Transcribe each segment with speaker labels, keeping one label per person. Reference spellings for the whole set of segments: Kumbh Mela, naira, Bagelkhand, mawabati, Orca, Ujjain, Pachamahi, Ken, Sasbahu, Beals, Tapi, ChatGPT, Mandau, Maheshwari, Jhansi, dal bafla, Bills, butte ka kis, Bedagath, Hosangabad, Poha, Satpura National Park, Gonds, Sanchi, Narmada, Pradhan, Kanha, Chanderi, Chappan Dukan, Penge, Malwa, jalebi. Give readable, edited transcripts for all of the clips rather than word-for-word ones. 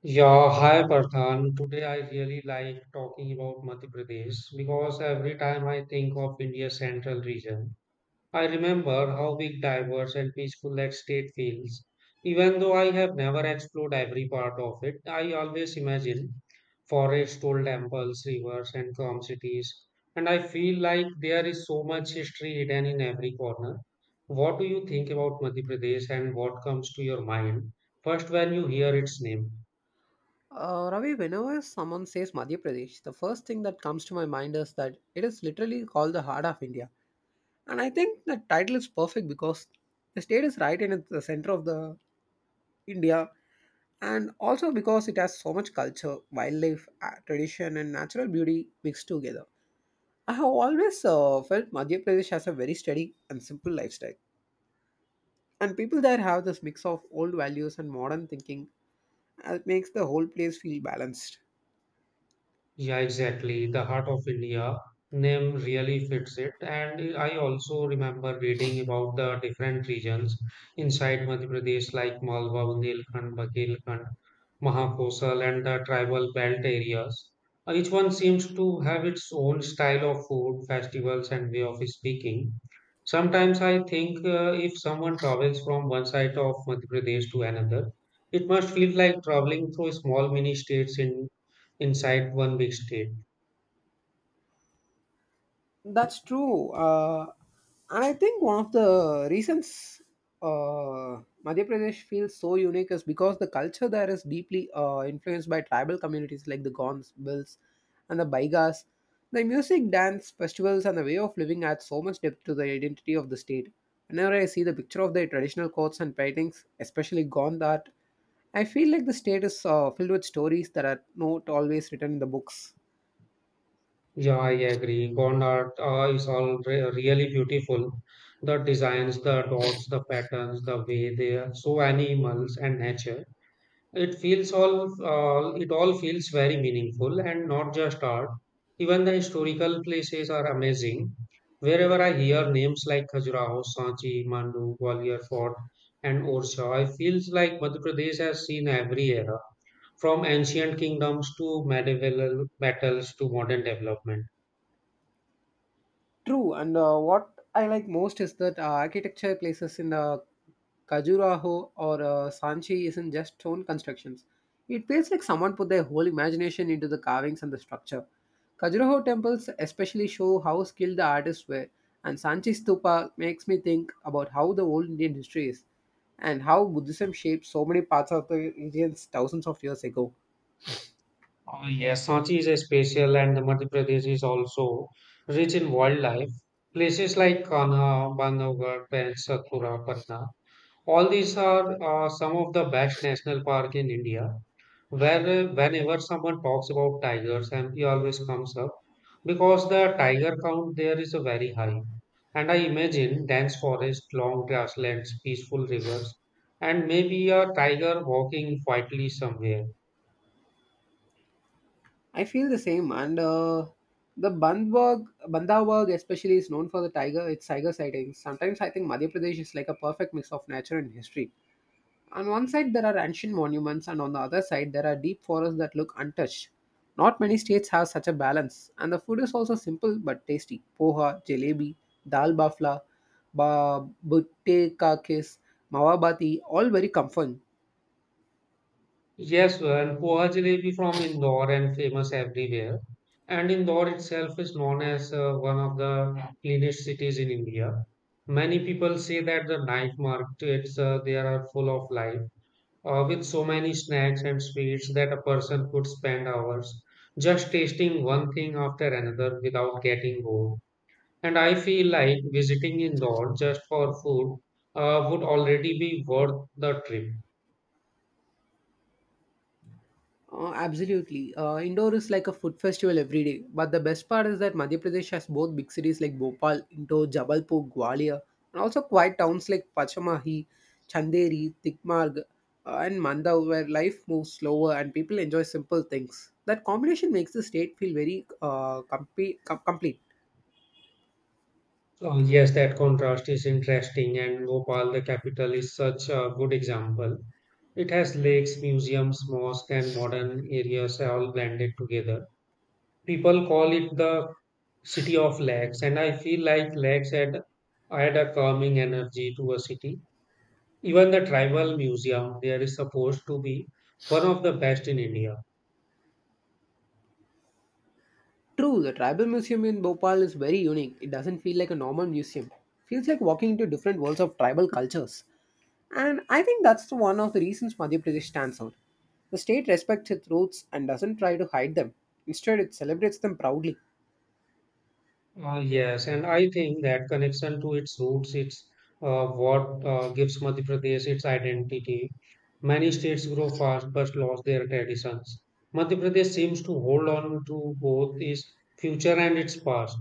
Speaker 1: Yeah, hi Pradhan. Today I really like talking about Madhya Pradesh because every time I think of India's central region, I remember how big, diverse, and peaceful that state feels. Even though I have never explored every part of it, I always imagine forests, old temples, rivers, and calm cities. And I feel like there is so much history hidden in every corner. What do you think about Madhya Pradesh and what comes to your mind first when you hear its name?
Speaker 2: Ravi, whenever someone says Madhya Pradesh, the first thing that comes to my mind is that it is literally called the heart of India. And I think the title is perfect because the state is right in the center of the India and also because it has so much culture, wildlife, tradition and natural beauty mixed together. I have always felt Madhya Pradesh has a very steady and simple lifestyle. And people there have this mix of old values and modern thinking that makes the whole place feel balanced.
Speaker 1: Yeah, exactly. The Heart of India name really fits it. And I also remember reading about the different regions inside Madhya Pradesh, like Malwa, Bundelkhand, Bagelkhand, Mahakosal, and the tribal belt areas. Each one seems to have its own style of food, festivals, and way of speaking. Sometimes I think if someone travels from one side of Madhya Pradesh to another, it must feel like traveling through small mini states in inside one big state.
Speaker 2: That's true. And I think one of the reasons Madhya Pradesh feels so unique is because the culture there is deeply influenced by tribal communities like the Gonds, Bills, and the Baigas. The music, dance, festivals, and the way of living add so much depth to the identity of the state. Whenever I see the picture of their traditional coats and paintings, especially Gond art, I feel like the state is filled with stories that are not always written in the books.
Speaker 1: Yeah, I agree. Gondar is all really beautiful. The designs, the dots, the patterns, the way they are so animals and nature. It feels all, it all feels very meaningful and not just art. Even the historical places are amazing. Wherever I hear names like Khajuraho, Sanchi, Mandu, Gwalior Fort, and Orcha, I feels like Madhya Pradesh has seen every era. From ancient kingdoms to medieval battles to modern development.
Speaker 2: True, and what I like most is that architecture places in Khajuraho or Sanchi isn't just stone constructions. It feels like someone put their whole imagination into the carvings and the structure. Khajuraho temples especially show how skilled the artists were, and Sanchi stupa makes me think about how the old Indian history is and how Buddhism shaped so many parts of the Indians thousands of years ago.
Speaker 1: Oh, yes. Sanchi is a special and the Madhya Pradesh is also rich in wildlife. Places like Kanha, Bandhavgarh, and Satpura, Patna. All these are some of the best national park in India. Whenever someone talks about tigers, MP always comes up because the tiger count there is a very high. And I imagine dense forest, long grasslands, peaceful rivers, and maybe a tiger walking quietly somewhere.
Speaker 2: I feel the same. And the Bandhavgarh especially is known for the tiger, its tiger sightings. Sometimes I think Madhya Pradesh is like a perfect mix of nature and history. On one side, there are ancient monuments, and on the other side, there are deep forests that look untouched. Not many states have such a balance, and the food is also simple but tasty. Poha, jalebi, dal bafla, butte ka kis, mawabati, all very comforting.
Speaker 1: Yes, and poha jalebi from Indore and famous everywhere. And Indore itself is known as one of the cleanest cities in India. Many people say that the night markets there are full of life with so many snacks and sweets that a person could spend hours just tasting one thing after another without getting bored. And I feel like visiting Indore just for food would already be worth the trip.
Speaker 2: Absolutely. Indore is like a food festival every day. But the best part is that Madhya Pradesh has both big cities like Bhopal, Indore, Jabalpur, Gwalior, and also quiet towns like Pachamahi, Chanderi, Tikmarg, and Mandau, where life moves slower and people enjoy simple things. That combination makes the state feel very complete.
Speaker 1: Oh, yes, that contrast is interesting, and Bhopal, the capital, is such a good example. It has lakes, museums, mosques, and modern areas all blended together. People call it the City of Lakes, and I feel like Lakes add a calming energy to a city. Even the tribal museum there is supposed to be one of the best in India.
Speaker 2: True, the tribal museum in Bhopal is very unique. It doesn't feel like a normal museum. Feels like walking into different worlds of tribal cultures. And I think that's the one of the reasons Madhya Pradesh stands out. The state respects its roots and doesn't try to hide them. Instead, it celebrates them proudly.
Speaker 1: Yes, and I think that connection to its roots, it's what gives Madhya Pradesh its identity. Many states grow fast but lost their traditions. Madhya Pradesh seems to hold on to both its future and its past.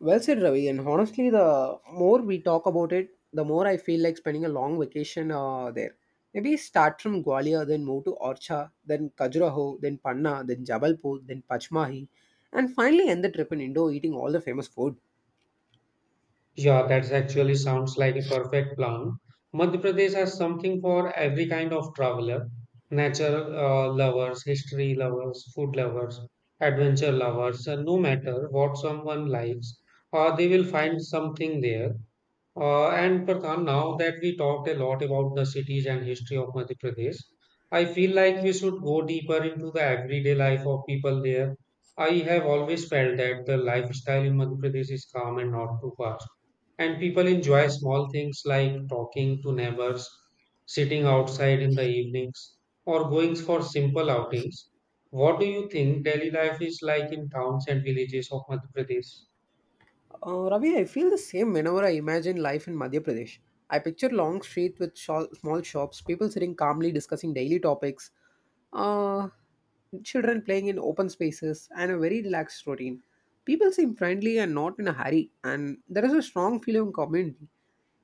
Speaker 2: Well said, Ravi. And honestly, the more we talk about it, the more I feel like spending a long vacation there. Maybe start from Gwalior, then move to Orcha, then Khajuraho, then Panna, then Jabalpur, then Pachmahi, and finally end the trip in Indo eating all the famous food.
Speaker 1: Yeah, that actually sounds like a perfect plan. Madhya Pradesh has something for every kind of traveler, nature lovers, history lovers, food lovers, adventure lovers. No matter what someone likes, they will find something there. And Pradhan, now that we talked a lot about the cities and history of Madhya Pradesh, I feel like we should go deeper into the everyday life of people there. I have always felt that the lifestyle in Madhya Pradesh is calm and not too fast and people enjoy small things like talking to neighbors, sitting outside in the evenings, or going for simple outings. What do you think daily life is like in towns and villages of Madhya Pradesh?
Speaker 2: Ravi, I feel the same whenever I imagine life in Madhya Pradesh. I picture long streets with small shops, people sitting calmly discussing daily topics, uh, children playing in open spaces, and a very relaxed routine. People seem friendly and not in a hurry, and there is a strong feeling of community.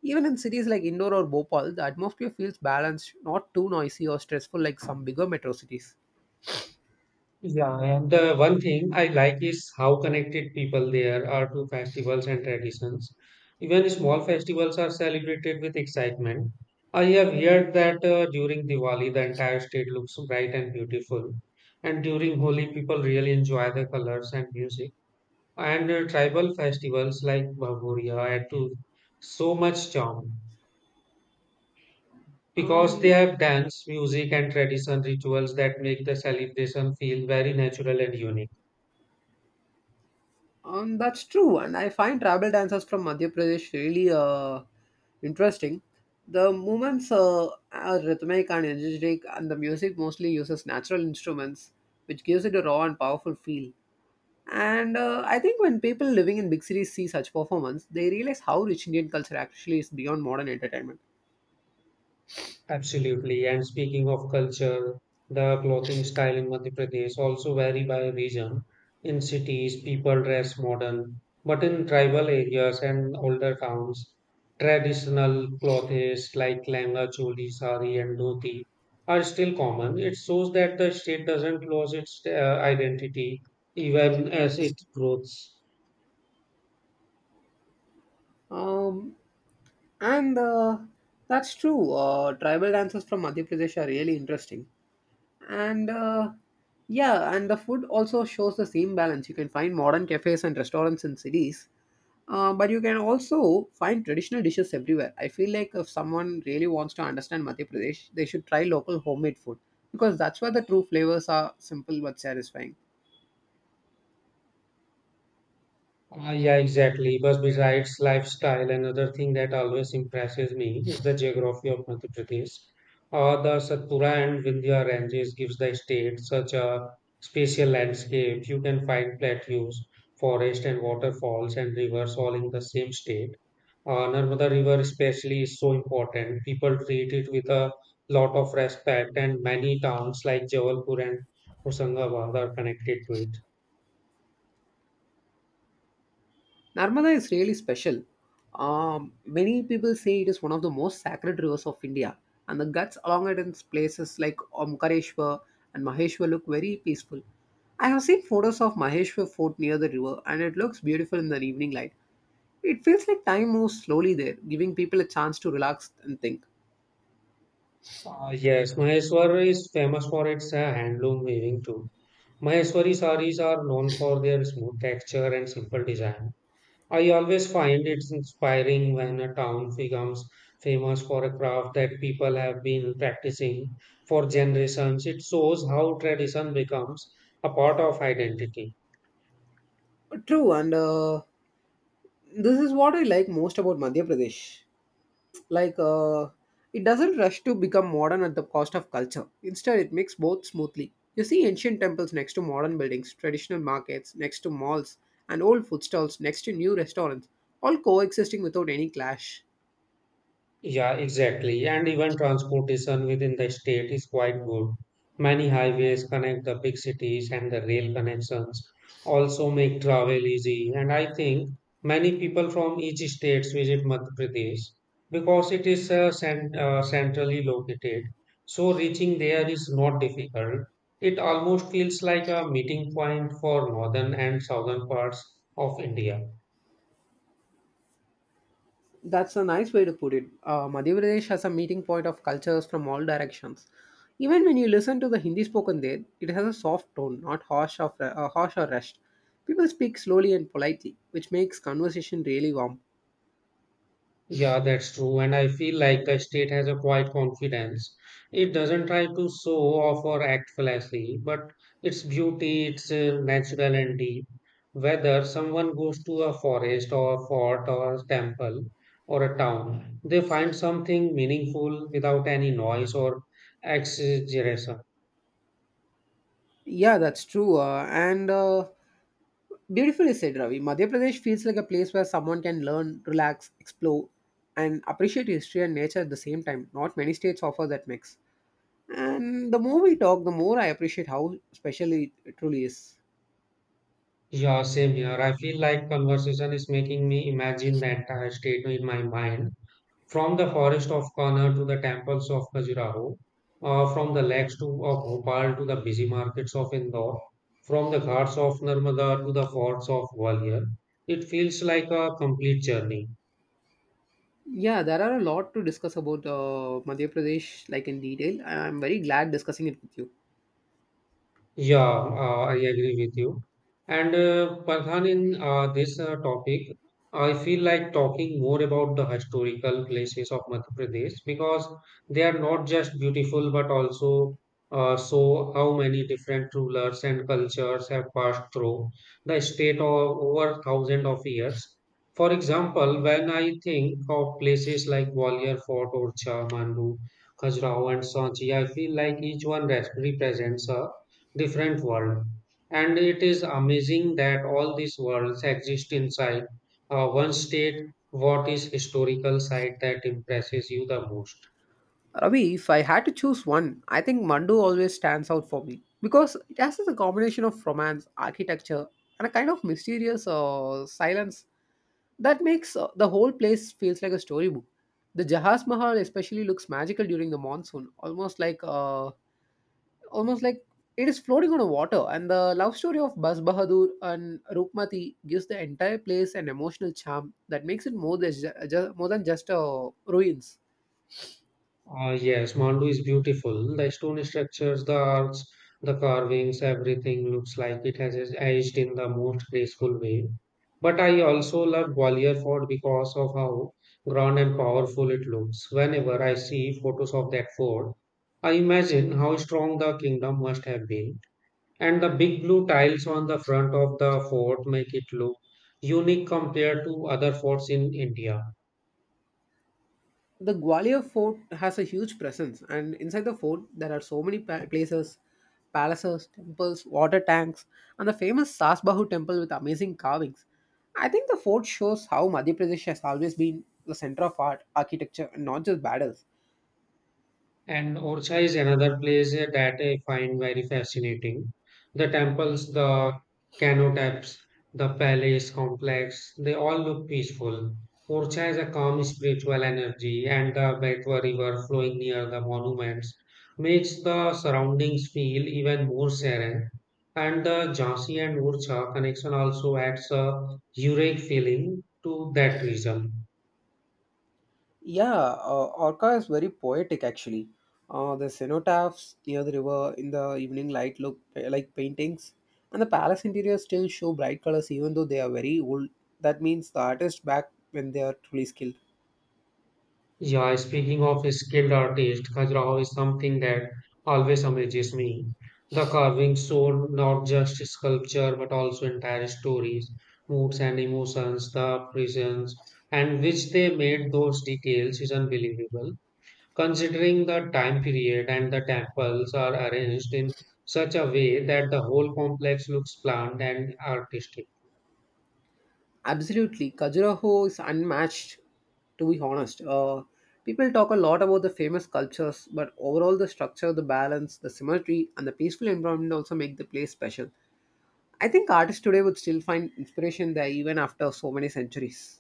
Speaker 2: Even in cities like Indore or Bhopal, the atmosphere feels balanced, not too noisy or stressful like some bigger metro cities.
Speaker 1: Yeah, and the one thing I like is how connected people there are to festivals and traditions. Even small festivals are celebrated with excitement. I have heard that during Diwali, the entire state looks bright and beautiful. And during Holi, people really enjoy the colors and music. And tribal festivals like Bhagoriya add to so much charm because they
Speaker 2: Um,
Speaker 1: have dance, music, and tradition rituals that make the celebration feel very natural and unique.
Speaker 2: That's true, and I find tribal dancers from Madhya Pradesh really interesting. The movements are rhythmic and energetic, and the music mostly uses natural instruments, which gives it a raw and powerful feel. And I think when people living in big cities see such performance, they realize how rich Indian culture actually is beyond modern entertainment.
Speaker 1: Absolutely. And speaking of culture, the clothing style in Madhya Pradesh also vary by region. In cities, people dress modern, but in tribal areas and older towns, traditional clothes like langa, choli, sari, and dhoti are still common. It shows that the state doesn't lose its identity even as it grows.
Speaker 2: Um, and That's true. Tribal dances from Madhya Pradesh are really interesting. and uh, yeah and the food also shows the same balance. You can find modern cafes and restaurants in cities but you can also find traditional dishes everywhere. I feel like if someone really wants to understand Madhya Pradesh, they should try local homemade food, because that's where the true flavors are, simple but satisfying.
Speaker 1: Ah, yeah, exactly. But besides lifestyle, another thing that always impresses me is the geography of Madhya Pradesh. The Satpura and Vindhya ranges gives the state such a spatial landscape. You can find plateaus, forest and waterfalls and rivers all in the same state. Narmada River especially is so important. People treat it with a lot of respect and many towns like Jabalpur and Hosangabad are connected to it.
Speaker 2: Narmada is really special. Many people say it is one of the most sacred rivers of India, and the guts along it in places like Omkareshwar and Maheshwar look very peaceful. I have seen photos of Maheshwar Fort near the river, and it looks beautiful in the evening light. It feels like time moves slowly there, giving people a chance to relax and think.
Speaker 1: Yes, Maheshwar is famous for its handloom weaving too. Maheshwari saris are known for their smooth texture and simple design. I always find it's inspiring when a town becomes famous for a craft that people have been practicing for generations. It shows how tradition becomes a part of identity.
Speaker 2: True, and this is what I like most about Madhya Pradesh. Like, uh, it doesn't rush to become modern at the cost of culture. Instead, it makes both smoothly. You see ancient temples next to modern buildings, traditional markets next to malls, and old food stalls next to new restaurants, all coexisting without any clash.
Speaker 1: Yeah, exactly. And even transportation within the state is quite good. Many highways connect the big cities and the rail connections also make travel easy. And I think many people from each state visit Madhya Pradesh because it is centrally located. So reaching there is not difficult. It almost feels like a meeting point for northern and southern parts of India.
Speaker 2: That's a nice way to put it. Madhya Pradesh has a meeting point of cultures from all directions. Even when you listen to the Hindi spoken there, it has a soft tone, not harsh, harsh or rushed. People speak slowly and politely, which makes conversation really warm.
Speaker 1: Yeah, that's true. And I feel like the state has a quiet confidence. It doesn't try to show off or act flashy, but its beauty, it's natural and deep. Whether someone goes to a forest or a fort or a temple or a town, they find something meaningful without any noise or exaggeration.
Speaker 2: Yeah, that's true. And Beautifully said, Ravi. Madhya Pradesh feels like a place where someone can learn, relax, explore, and appreciate history and nature at the same time. Not many states offer that mix. And the more we talk, the more I appreciate how special it truly is.
Speaker 1: Yeah, same here. I feel like conversation is making me imagine the entire state in my mind. From the forest of Kannur to the temples of Khajuraho, from the lakes of Bhopal to the busy markets of Indore, from the ghats of Narmada to the forts of Gwalior, it feels like a complete journey.
Speaker 2: Yeah, there are a lot to discuss about Madhya Pradesh, like in detail. I'm very glad discussing it with you.
Speaker 1: Yeah, I agree with you. And Pradhan, in this topic, I feel like talking more about the historical places of Madhya Pradesh because they are not just beautiful but also show how many different rulers and cultures have passed through the state of over thousands of years. For example, when I think of places like Gwalior Fort, Orcha, Mandu, Khajuraho, and Sanchi, I feel like each one represents a different world. And it is amazing that all these worlds exist inside one state. What is historical site that impresses you the most?
Speaker 2: Ravi, if I had to choose one, I think Mandu always stands out for me because it has a combination of romance, architecture, and a kind of mysterious silence that makes the whole place feels like a storybook. The Jahas Mahal especially looks magical during the monsoon, almost like it is floating on the water. And the love story of Bas Bahadur and Rukmati gives the entire place an emotional charm that makes it more than more than just ruins.
Speaker 1: Yes, Mandu is beautiful. The stone structures, the arcs, the carvings, everything looks like it has aged in the most graceful way. But I also love Gwalior Fort because of how grand and powerful it looks. Whenever I see photos of that fort, I imagine how strong the kingdom must have been. And the big blue tiles on the front of the fort make it look unique compared to other forts in India.
Speaker 2: The Gwalior fort has a huge presence, and inside the fort there are so many places, palaces, temples, water tanks, and the famous Sasbahu temple with amazing carvings. I think the fort shows how Madhya Pradesh has always been the center of art, architecture, and not just battles.
Speaker 1: And Orcha is another place that I find very fascinating. The temples, the canotaps, the palace complex, they all look peaceful. Orcha has a calm spiritual energy, and the Betwa River flowing near the monuments makes the surroundings feel even more serene. And the Jhansi and Orcha connection also adds a unique feeling to that region.
Speaker 2: Yeah, Orca is very poetic actually. The cenotaphs near the river in the evening light look like paintings, and the palace interiors still show bright colors even though they are very old. That means the artist back when they are truly skilled.
Speaker 1: Yeah, speaking of skilled artist, Khajuraho is something that always amazes me. The carvings show not just sculpture but also entire stories, moods, and emotions, the presence and which they made those details is unbelievable. Considering the time period and the temples are arranged in such a way that the whole complex looks planned and artistic.
Speaker 2: Absolutely, Khajuraho is unmatched. To be honest, people talk a lot about the famous sculptures, but overall the structure, the balance, the symmetry, and the peaceful environment also make the place special. I think artists today would still find inspiration there even after so many centuries.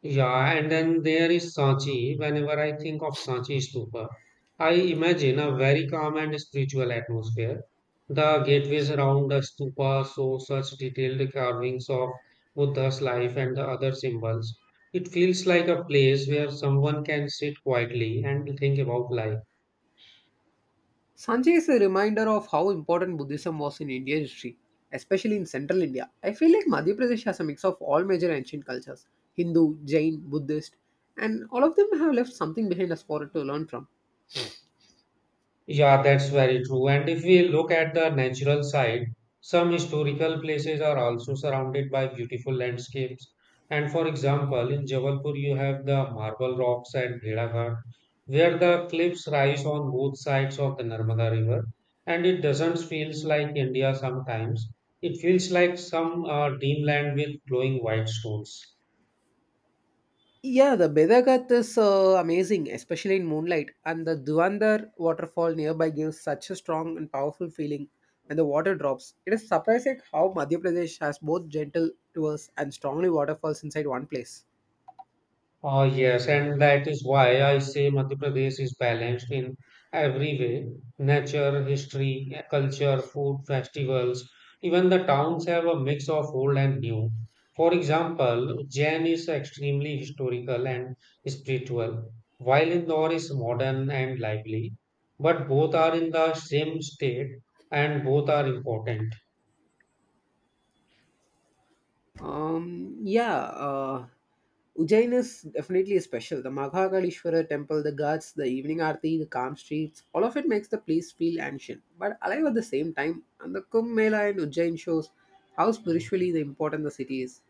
Speaker 1: Yeah, and then there is Sanchi. Whenever I think of Sanchi Stupa, I imagine a very calm and spiritual atmosphere. The gateways around the stupa show such detailed carvings of Buddha's life and the other symbols. It feels like a place where someone can sit quietly and think about life.
Speaker 2: Sanjay is a reminder of how important Buddhism was in Indian history, especially in central India. I feel like Madhya Pradesh has a mix of all major ancient cultures, Hindu, Jain, Buddhist, and all of them have left something behind us for it to learn from.
Speaker 1: Yeah, that's very true. And if we look at the natural side, some historical places are also surrounded by beautiful landscapes. And for example, in Jabalpur, you have the marble rocks at Bhedaghat, where the cliffs rise on both sides of the Narmada River. And it doesn't feels like India sometimes. It feels like some dreamland with glowing white stones.
Speaker 2: Yeah, the Bedagath is amazing, especially in moonlight, and the Duandar waterfall nearby gives such a strong and powerful feeling when the water drops. It is surprising how Madhya Pradesh has both gentle rivers and strongly waterfalls inside one place.
Speaker 1: Oh, yes, and that is why I say Madhya Pradesh is balanced in every way. Nature, history, culture, food, festivals. Even the towns have a mix of old and new. For example, Jain is extremely historical and spiritual, while Indore is modern and lively. But both are in the same state and both are important.
Speaker 2: Um, yeah, uh, Ujjain is definitely special. The Maghagalishwara temple, the ghats, the evening aarti, the calm streets, all of it makes the place feel ancient, but alive at the same time. And the Kumbh Mela in Ujjain shows how spiritually the important the city is.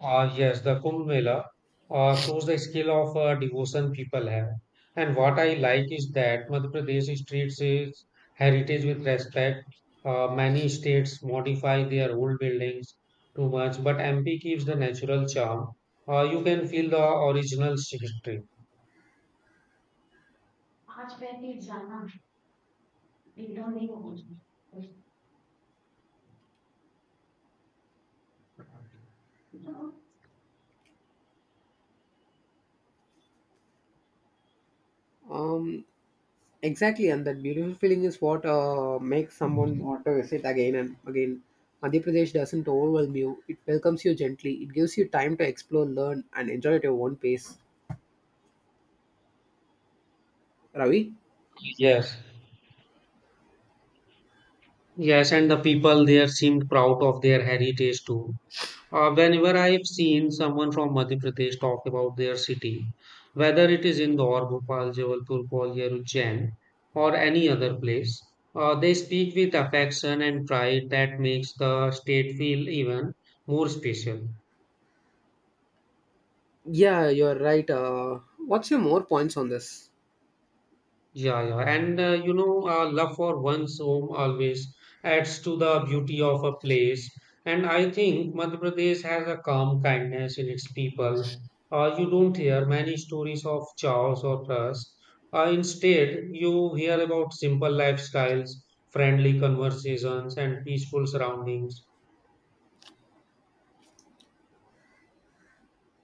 Speaker 1: Ah, yes, the Kumbh Mela shows the skill of devotion people have. And what I like is that Madhya Pradesh treats its heritage with respect. Many states modify their old buildings too much, but MP keeps the natural charm. You can feel the original history.
Speaker 2: Um, exactly, and that beautiful feeling is what makes someone want to visit again and again. Madhya Pradesh doesn't overwhelm you; it welcomes you gently. It gives you time to explore, learn, and enjoy at your own pace. Ravi.
Speaker 1: Yes, yes, and the people there seemed proud of their heritage too. Whenever I've seen someone from Madhya Pradesh talk about their city, whether it is Indore, Bhopal, Jabalpur, Gwalior, Ujjain, or any other place, they speak with affection and pride that makes the state feel even more special.
Speaker 2: Yeah, you're right. What's your more points on this?
Speaker 1: Yeah, yeah, and love for one's home always adds to the beauty of a place. And I think Madhya Pradesh has a calm kindness in its people. You don't hear many stories of chaos or trust. Instead, you hear about simple lifestyles, friendly conversations, and peaceful surroundings.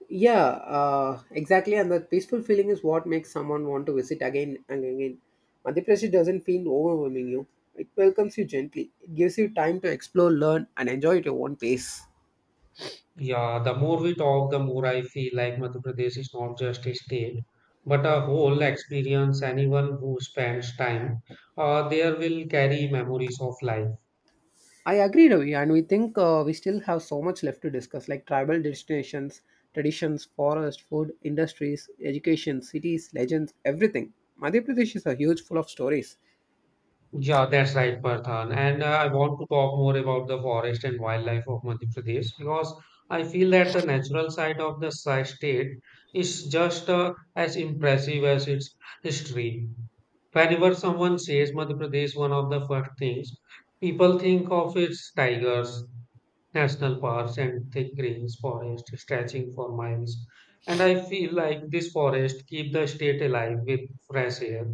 Speaker 2: Yeah, exactly. And that peaceful feeling is what makes someone want to visit again and again. Madhya Pradesh doesn't feel overwhelming you. It welcomes you gently. It gives you time to explore, learn, and enjoy at your own pace.
Speaker 1: Yeah, the more we talk, the more I feel like Madhya Pradesh is not just a state, but a whole experience. Anyone who spends time there will carry memories of life.
Speaker 2: I agree, Ravi, and we think we still have so much left to discuss, like tribal destinations, traditions, forest, food, industries, education, cities, legends, everything. Madhya Pradesh is a huge full of stories.
Speaker 1: Yeah, that's right, Parthan. And I want to talk more about the forest and wildlife of Madhya Pradesh because I feel that the natural side of the state is just as impressive as its history. Whenever someone says Madhya Pradesh, one of the first things people think of is tigers, national parks, and thick greens forest stretching for miles, and I feel like this forest keep the state alive with fresh air,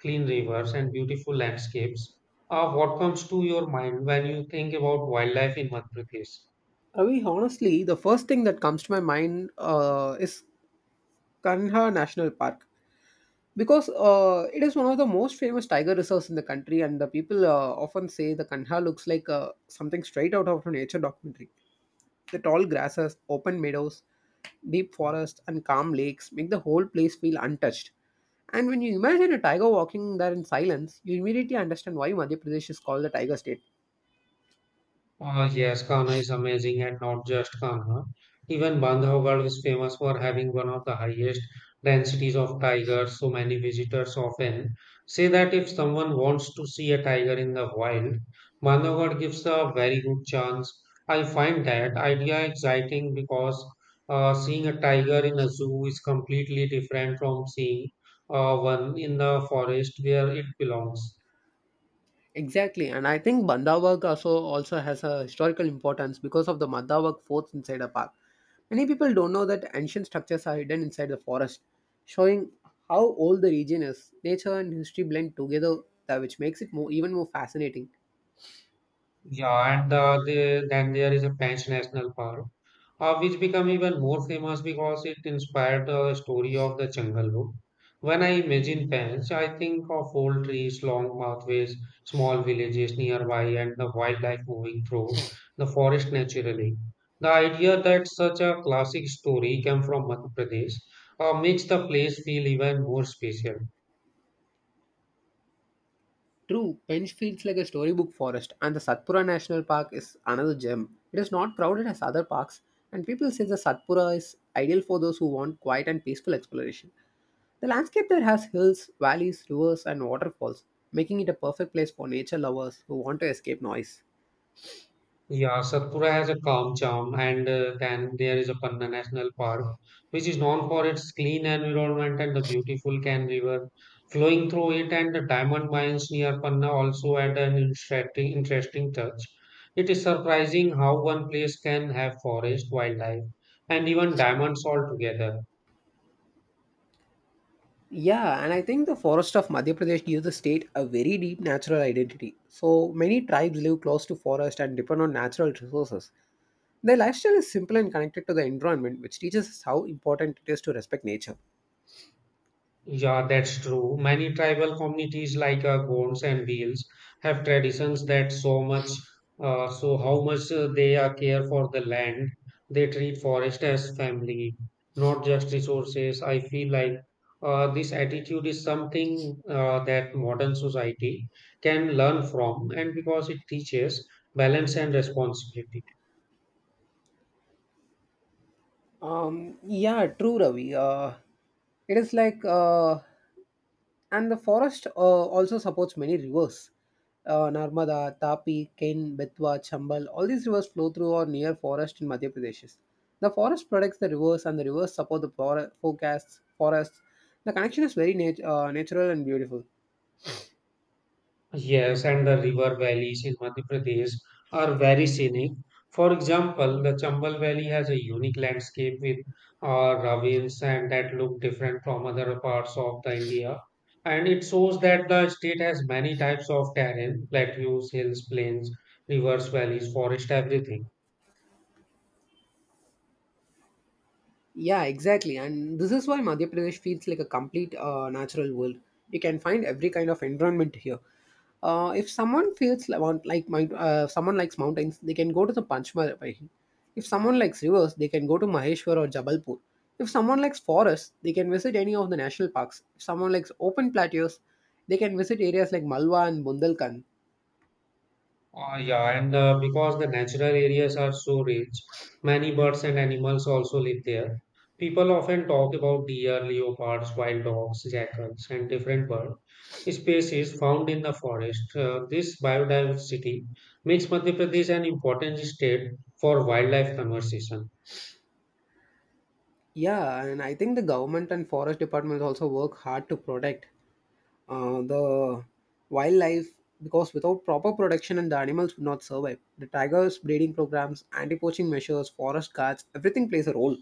Speaker 1: clean rivers, and beautiful landscapes. What comes to your mind when you think about wildlife in Madhya Pradesh?
Speaker 2: Ravi, honestly, the first thing that comes to my mind is Kanha National Park because it is one of the most famous tiger reserves in the country, and the people often say the Kanha looks like something straight out of a nature documentary. The tall grasses, open meadows, deep forests, and calm lakes make the whole place feel untouched. And when you imagine a tiger walking there in silence, you immediately understand why Madhya Pradesh is called the Tiger State.
Speaker 1: Oh yes, Kanha is amazing, and not just Kanha. Even Bandhavgarh is famous for having one of the highest densities of tigers, so many visitors often say that if someone wants to see a tiger in the wild, Bandhavgarh gives a very good chance. I find that idea exciting because seeing a tiger in a zoo is completely different from seeing one in the forest where it belongs.
Speaker 2: Exactly, and I think Bandhavgarh also has a historical importance because of the Bandhavgarh forts inside the park. Many people don't know that ancient structures are hidden inside the forest, showing how old the region is. Nature and history blend together, that which makes it more even more fascinating.
Speaker 1: Yeah, and then there is a French national park, which became even more famous because it inspired the story of the Jungle Book. When I imagine France, I think of old trees, long pathways, small villages nearby, and the wildlife moving through the forest naturally. The idea that such a classic story came from Madhya Pradesh makes the place feel even more special.
Speaker 2: True, Penge feels like a storybook forest, and the Satpura National Park is another gem. It is not crowded as other parks, and people say the Satpura is ideal for those who want quiet and peaceful exploration. The landscape there has hills, valleys, rivers, and waterfalls, making it a perfect place for nature lovers who want to escape noise.
Speaker 1: Yeah, Satpura has a calm charm, and then there is a Panna National Park, which is known for its clean environment and the beautiful Can River flowing through it, and the diamond mines near Panna also add an interesting touch. It is surprising how one place can have forest, wildlife, and even diamonds all together.
Speaker 2: Yeah, and I think the forest of Madhya Pradesh gives the state a very deep natural identity. So many tribes live close to forest and depend on natural resources. Their lifestyle is simple and connected to the environment, which teaches us how important it is to respect nature.
Speaker 1: Yeah, that's true. Many tribal communities like Gonds and Beals have traditions that so much, so how much they care for the land. They treat forest as family, not just resources. I feel like this attitude is something that modern society can learn from, and because it teaches balance and responsibility.
Speaker 2: Yeah, true, Ravi. It is like, uh, and the forest also supports many rivers. Narmada, Tapi, Ken, Betwa, Chambal, all these rivers flow through or near forest in Madhya Pradesh. The forest protects the rivers and the rivers support the forests. The connection is very natural and beautiful.
Speaker 1: Yes, and the river valleys in Madhya Pradesh are very scenic. For example, the Chambal Valley has a unique landscape with ravines and that look different from other parts of the India. And it shows that the state has many types of terrain, plateaus, hills, plains, rivers, valleys, forest, everything.
Speaker 2: Yeah, exactly. And this is why Madhya Pradesh feels like a complete natural world. You can find every kind of environment here. If someone feels like, want- like mount- someone likes mountains, they can go to the Panchmarahi. If someone likes rivers, they can go to Maheshwar or Jabalpur. If someone likes forests, they can visit any of the national parks. If someone likes open plateaus, they can visit areas like Malwa and Bundelkhand.
Speaker 1: Oh, yeah, and because the natural areas are so rich, many birds and animals also live there. People often talk about deer, leopards, wild dogs, jackals, and different bird species found in the forest. This biodiversity makes Madhya Pradesh an important state for wildlife conservation.
Speaker 2: Yeah, and I think the government and forest departments also work hard to protect the wildlife because without proper protection and the animals would not survive. The tigers, breeding programs, anti-poaching measures, forest guards, everything plays a role.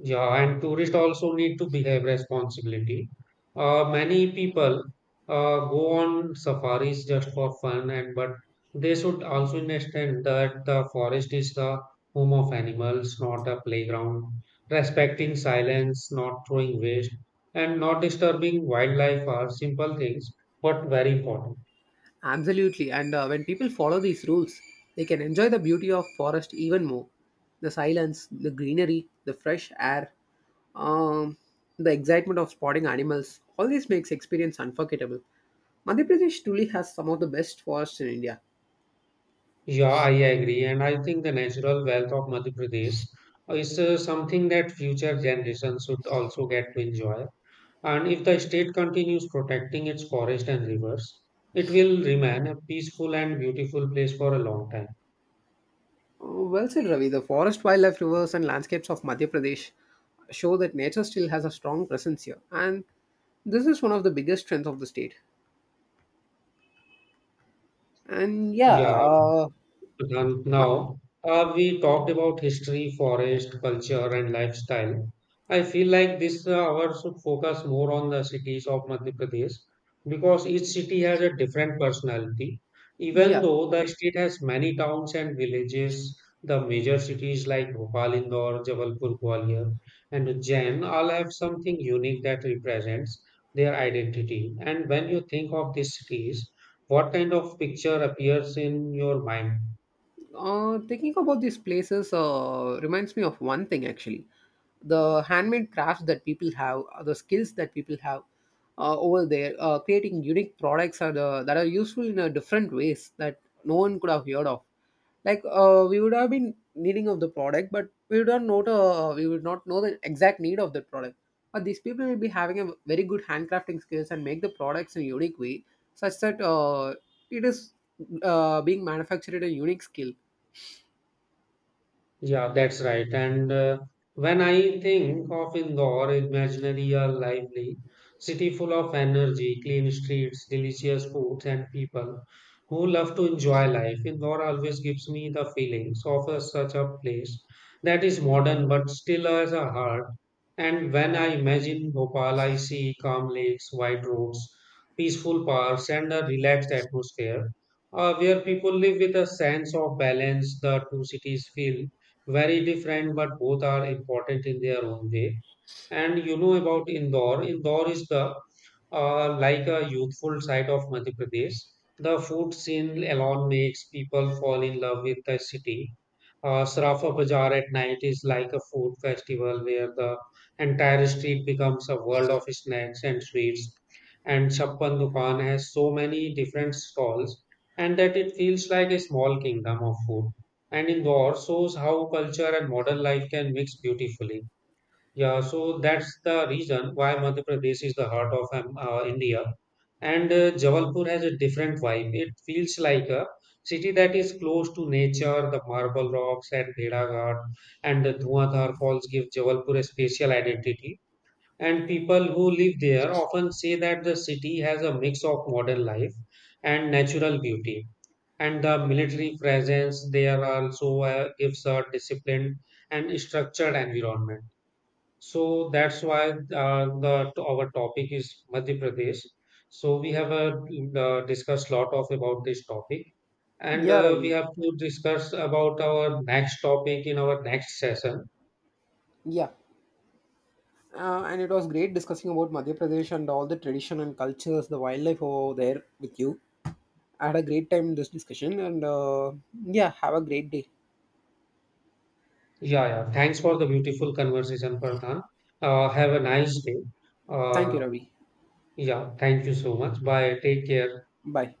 Speaker 1: Yeah, and tourists also need to behave responsibility. Many people go on safaris just for fun, and but they should also understand that the forest is the home of animals, not a playground. Respecting silence, not throwing waste, and not disturbing wildlife are simple things, but very important.
Speaker 2: Absolutely, and when people follow these rules, they can enjoy the beauty of forest even more. The silence, the greenery, the fresh air, um, the excitement of spotting animals, all this makes experience unforgettable. Madhya Pradesh truly has some of the best forests in India.
Speaker 1: Yeah, I agree, and I think the natural wealth of Madhya Pradesh is something that future generations should also get to enjoy. And if the state continues protecting its forest and rivers, it will remain a peaceful and beautiful place for a long time.
Speaker 2: Oh, well said, Ravi. The forest, wildlife, rivers, and landscapes of Madhya Pradesh show that nature still has a strong presence here. And this is one of the biggest strengths of the state. And yeah,
Speaker 1: Yeah.
Speaker 2: uh, ma-
Speaker 1: Now, we talked about history, forest, culture, and lifestyle. I feel like this hour should focus more on the cities of Madhya Pradesh because each city has a different personality. Even
Speaker 2: yeah.
Speaker 1: though the state has many towns and villages, the major cities like Bhopal, Indore, Jabalpur, Gwalior, and Ujjain all have something unique that represents their identity. And when you think of these cities, what kind of picture appears in your mind?
Speaker 2: Thinking about these places reminds me of one thing actually, the handmade crafts that people have, the skills that people have over there, creating unique products are the, that are useful in a different ways that no one could have heard of. Like we would have been needing of the product, but we would not know the, we would not know the exact need of that product. But these people will be having a very good handcrafting skills and make the products in a unique way, such that it is being manufactured at a unique skill.
Speaker 1: Yeah, that's right. And when I think of Indore, it imaginary a lively city full of energy, clean streets, delicious foods, and people who love to enjoy life. Indore always gives me the feelings of a, such a place that is modern but still has a heart. And when I imagine Bhopal, I see calm lakes, wide roads, peaceful parks, and a relaxed atmosphere where people live with a sense of balance. The two cities feel very different, but both are important in their own way. And you know about Indore. Indore is the like a youthful side of Madhya Pradesh. The food scene alone makes people fall in love with the city. Sarafa Bazaar at night is like a food festival where the entire street becomes a world of snacks and sweets. And Chappan Dukan has so many different stalls, and that it feels like a small kingdom of food. And Indore shows how culture and modern life can mix beautifully. Yeah, so that's the reason why Madhya Pradesh is the heart of India. And Jabalpur has a different vibe. It feels like a city that is close to nature, the marble rocks at Bheda Ghat and the Dhuandhar Falls give Jabalpur a special identity. And people who live there often say that the city has a mix of modern life and natural beauty. And the military presence there also gives a disciplined and structured environment. So that's why the our topic is Madhya Pradesh. So we have discussed lot of about this topic, and
Speaker 2: Yeah,
Speaker 1: we
Speaker 2: Ravi.
Speaker 1: have to discuss about our next topic in our next session.
Speaker 2: Yeah, and it was great discussing about Madhya Pradesh and all the tradition and cultures, the wildlife over there with you. I had a great time in this discussion, and yeah, have a great day.
Speaker 1: Yeah, yeah. Thanks for the beautiful conversation, Pradhan. Have a nice day.
Speaker 2: Thank you,
Speaker 1: Uh,
Speaker 2: Ravi.
Speaker 1: yeah. Thank you so much. Bye. Take care.
Speaker 2: Bye.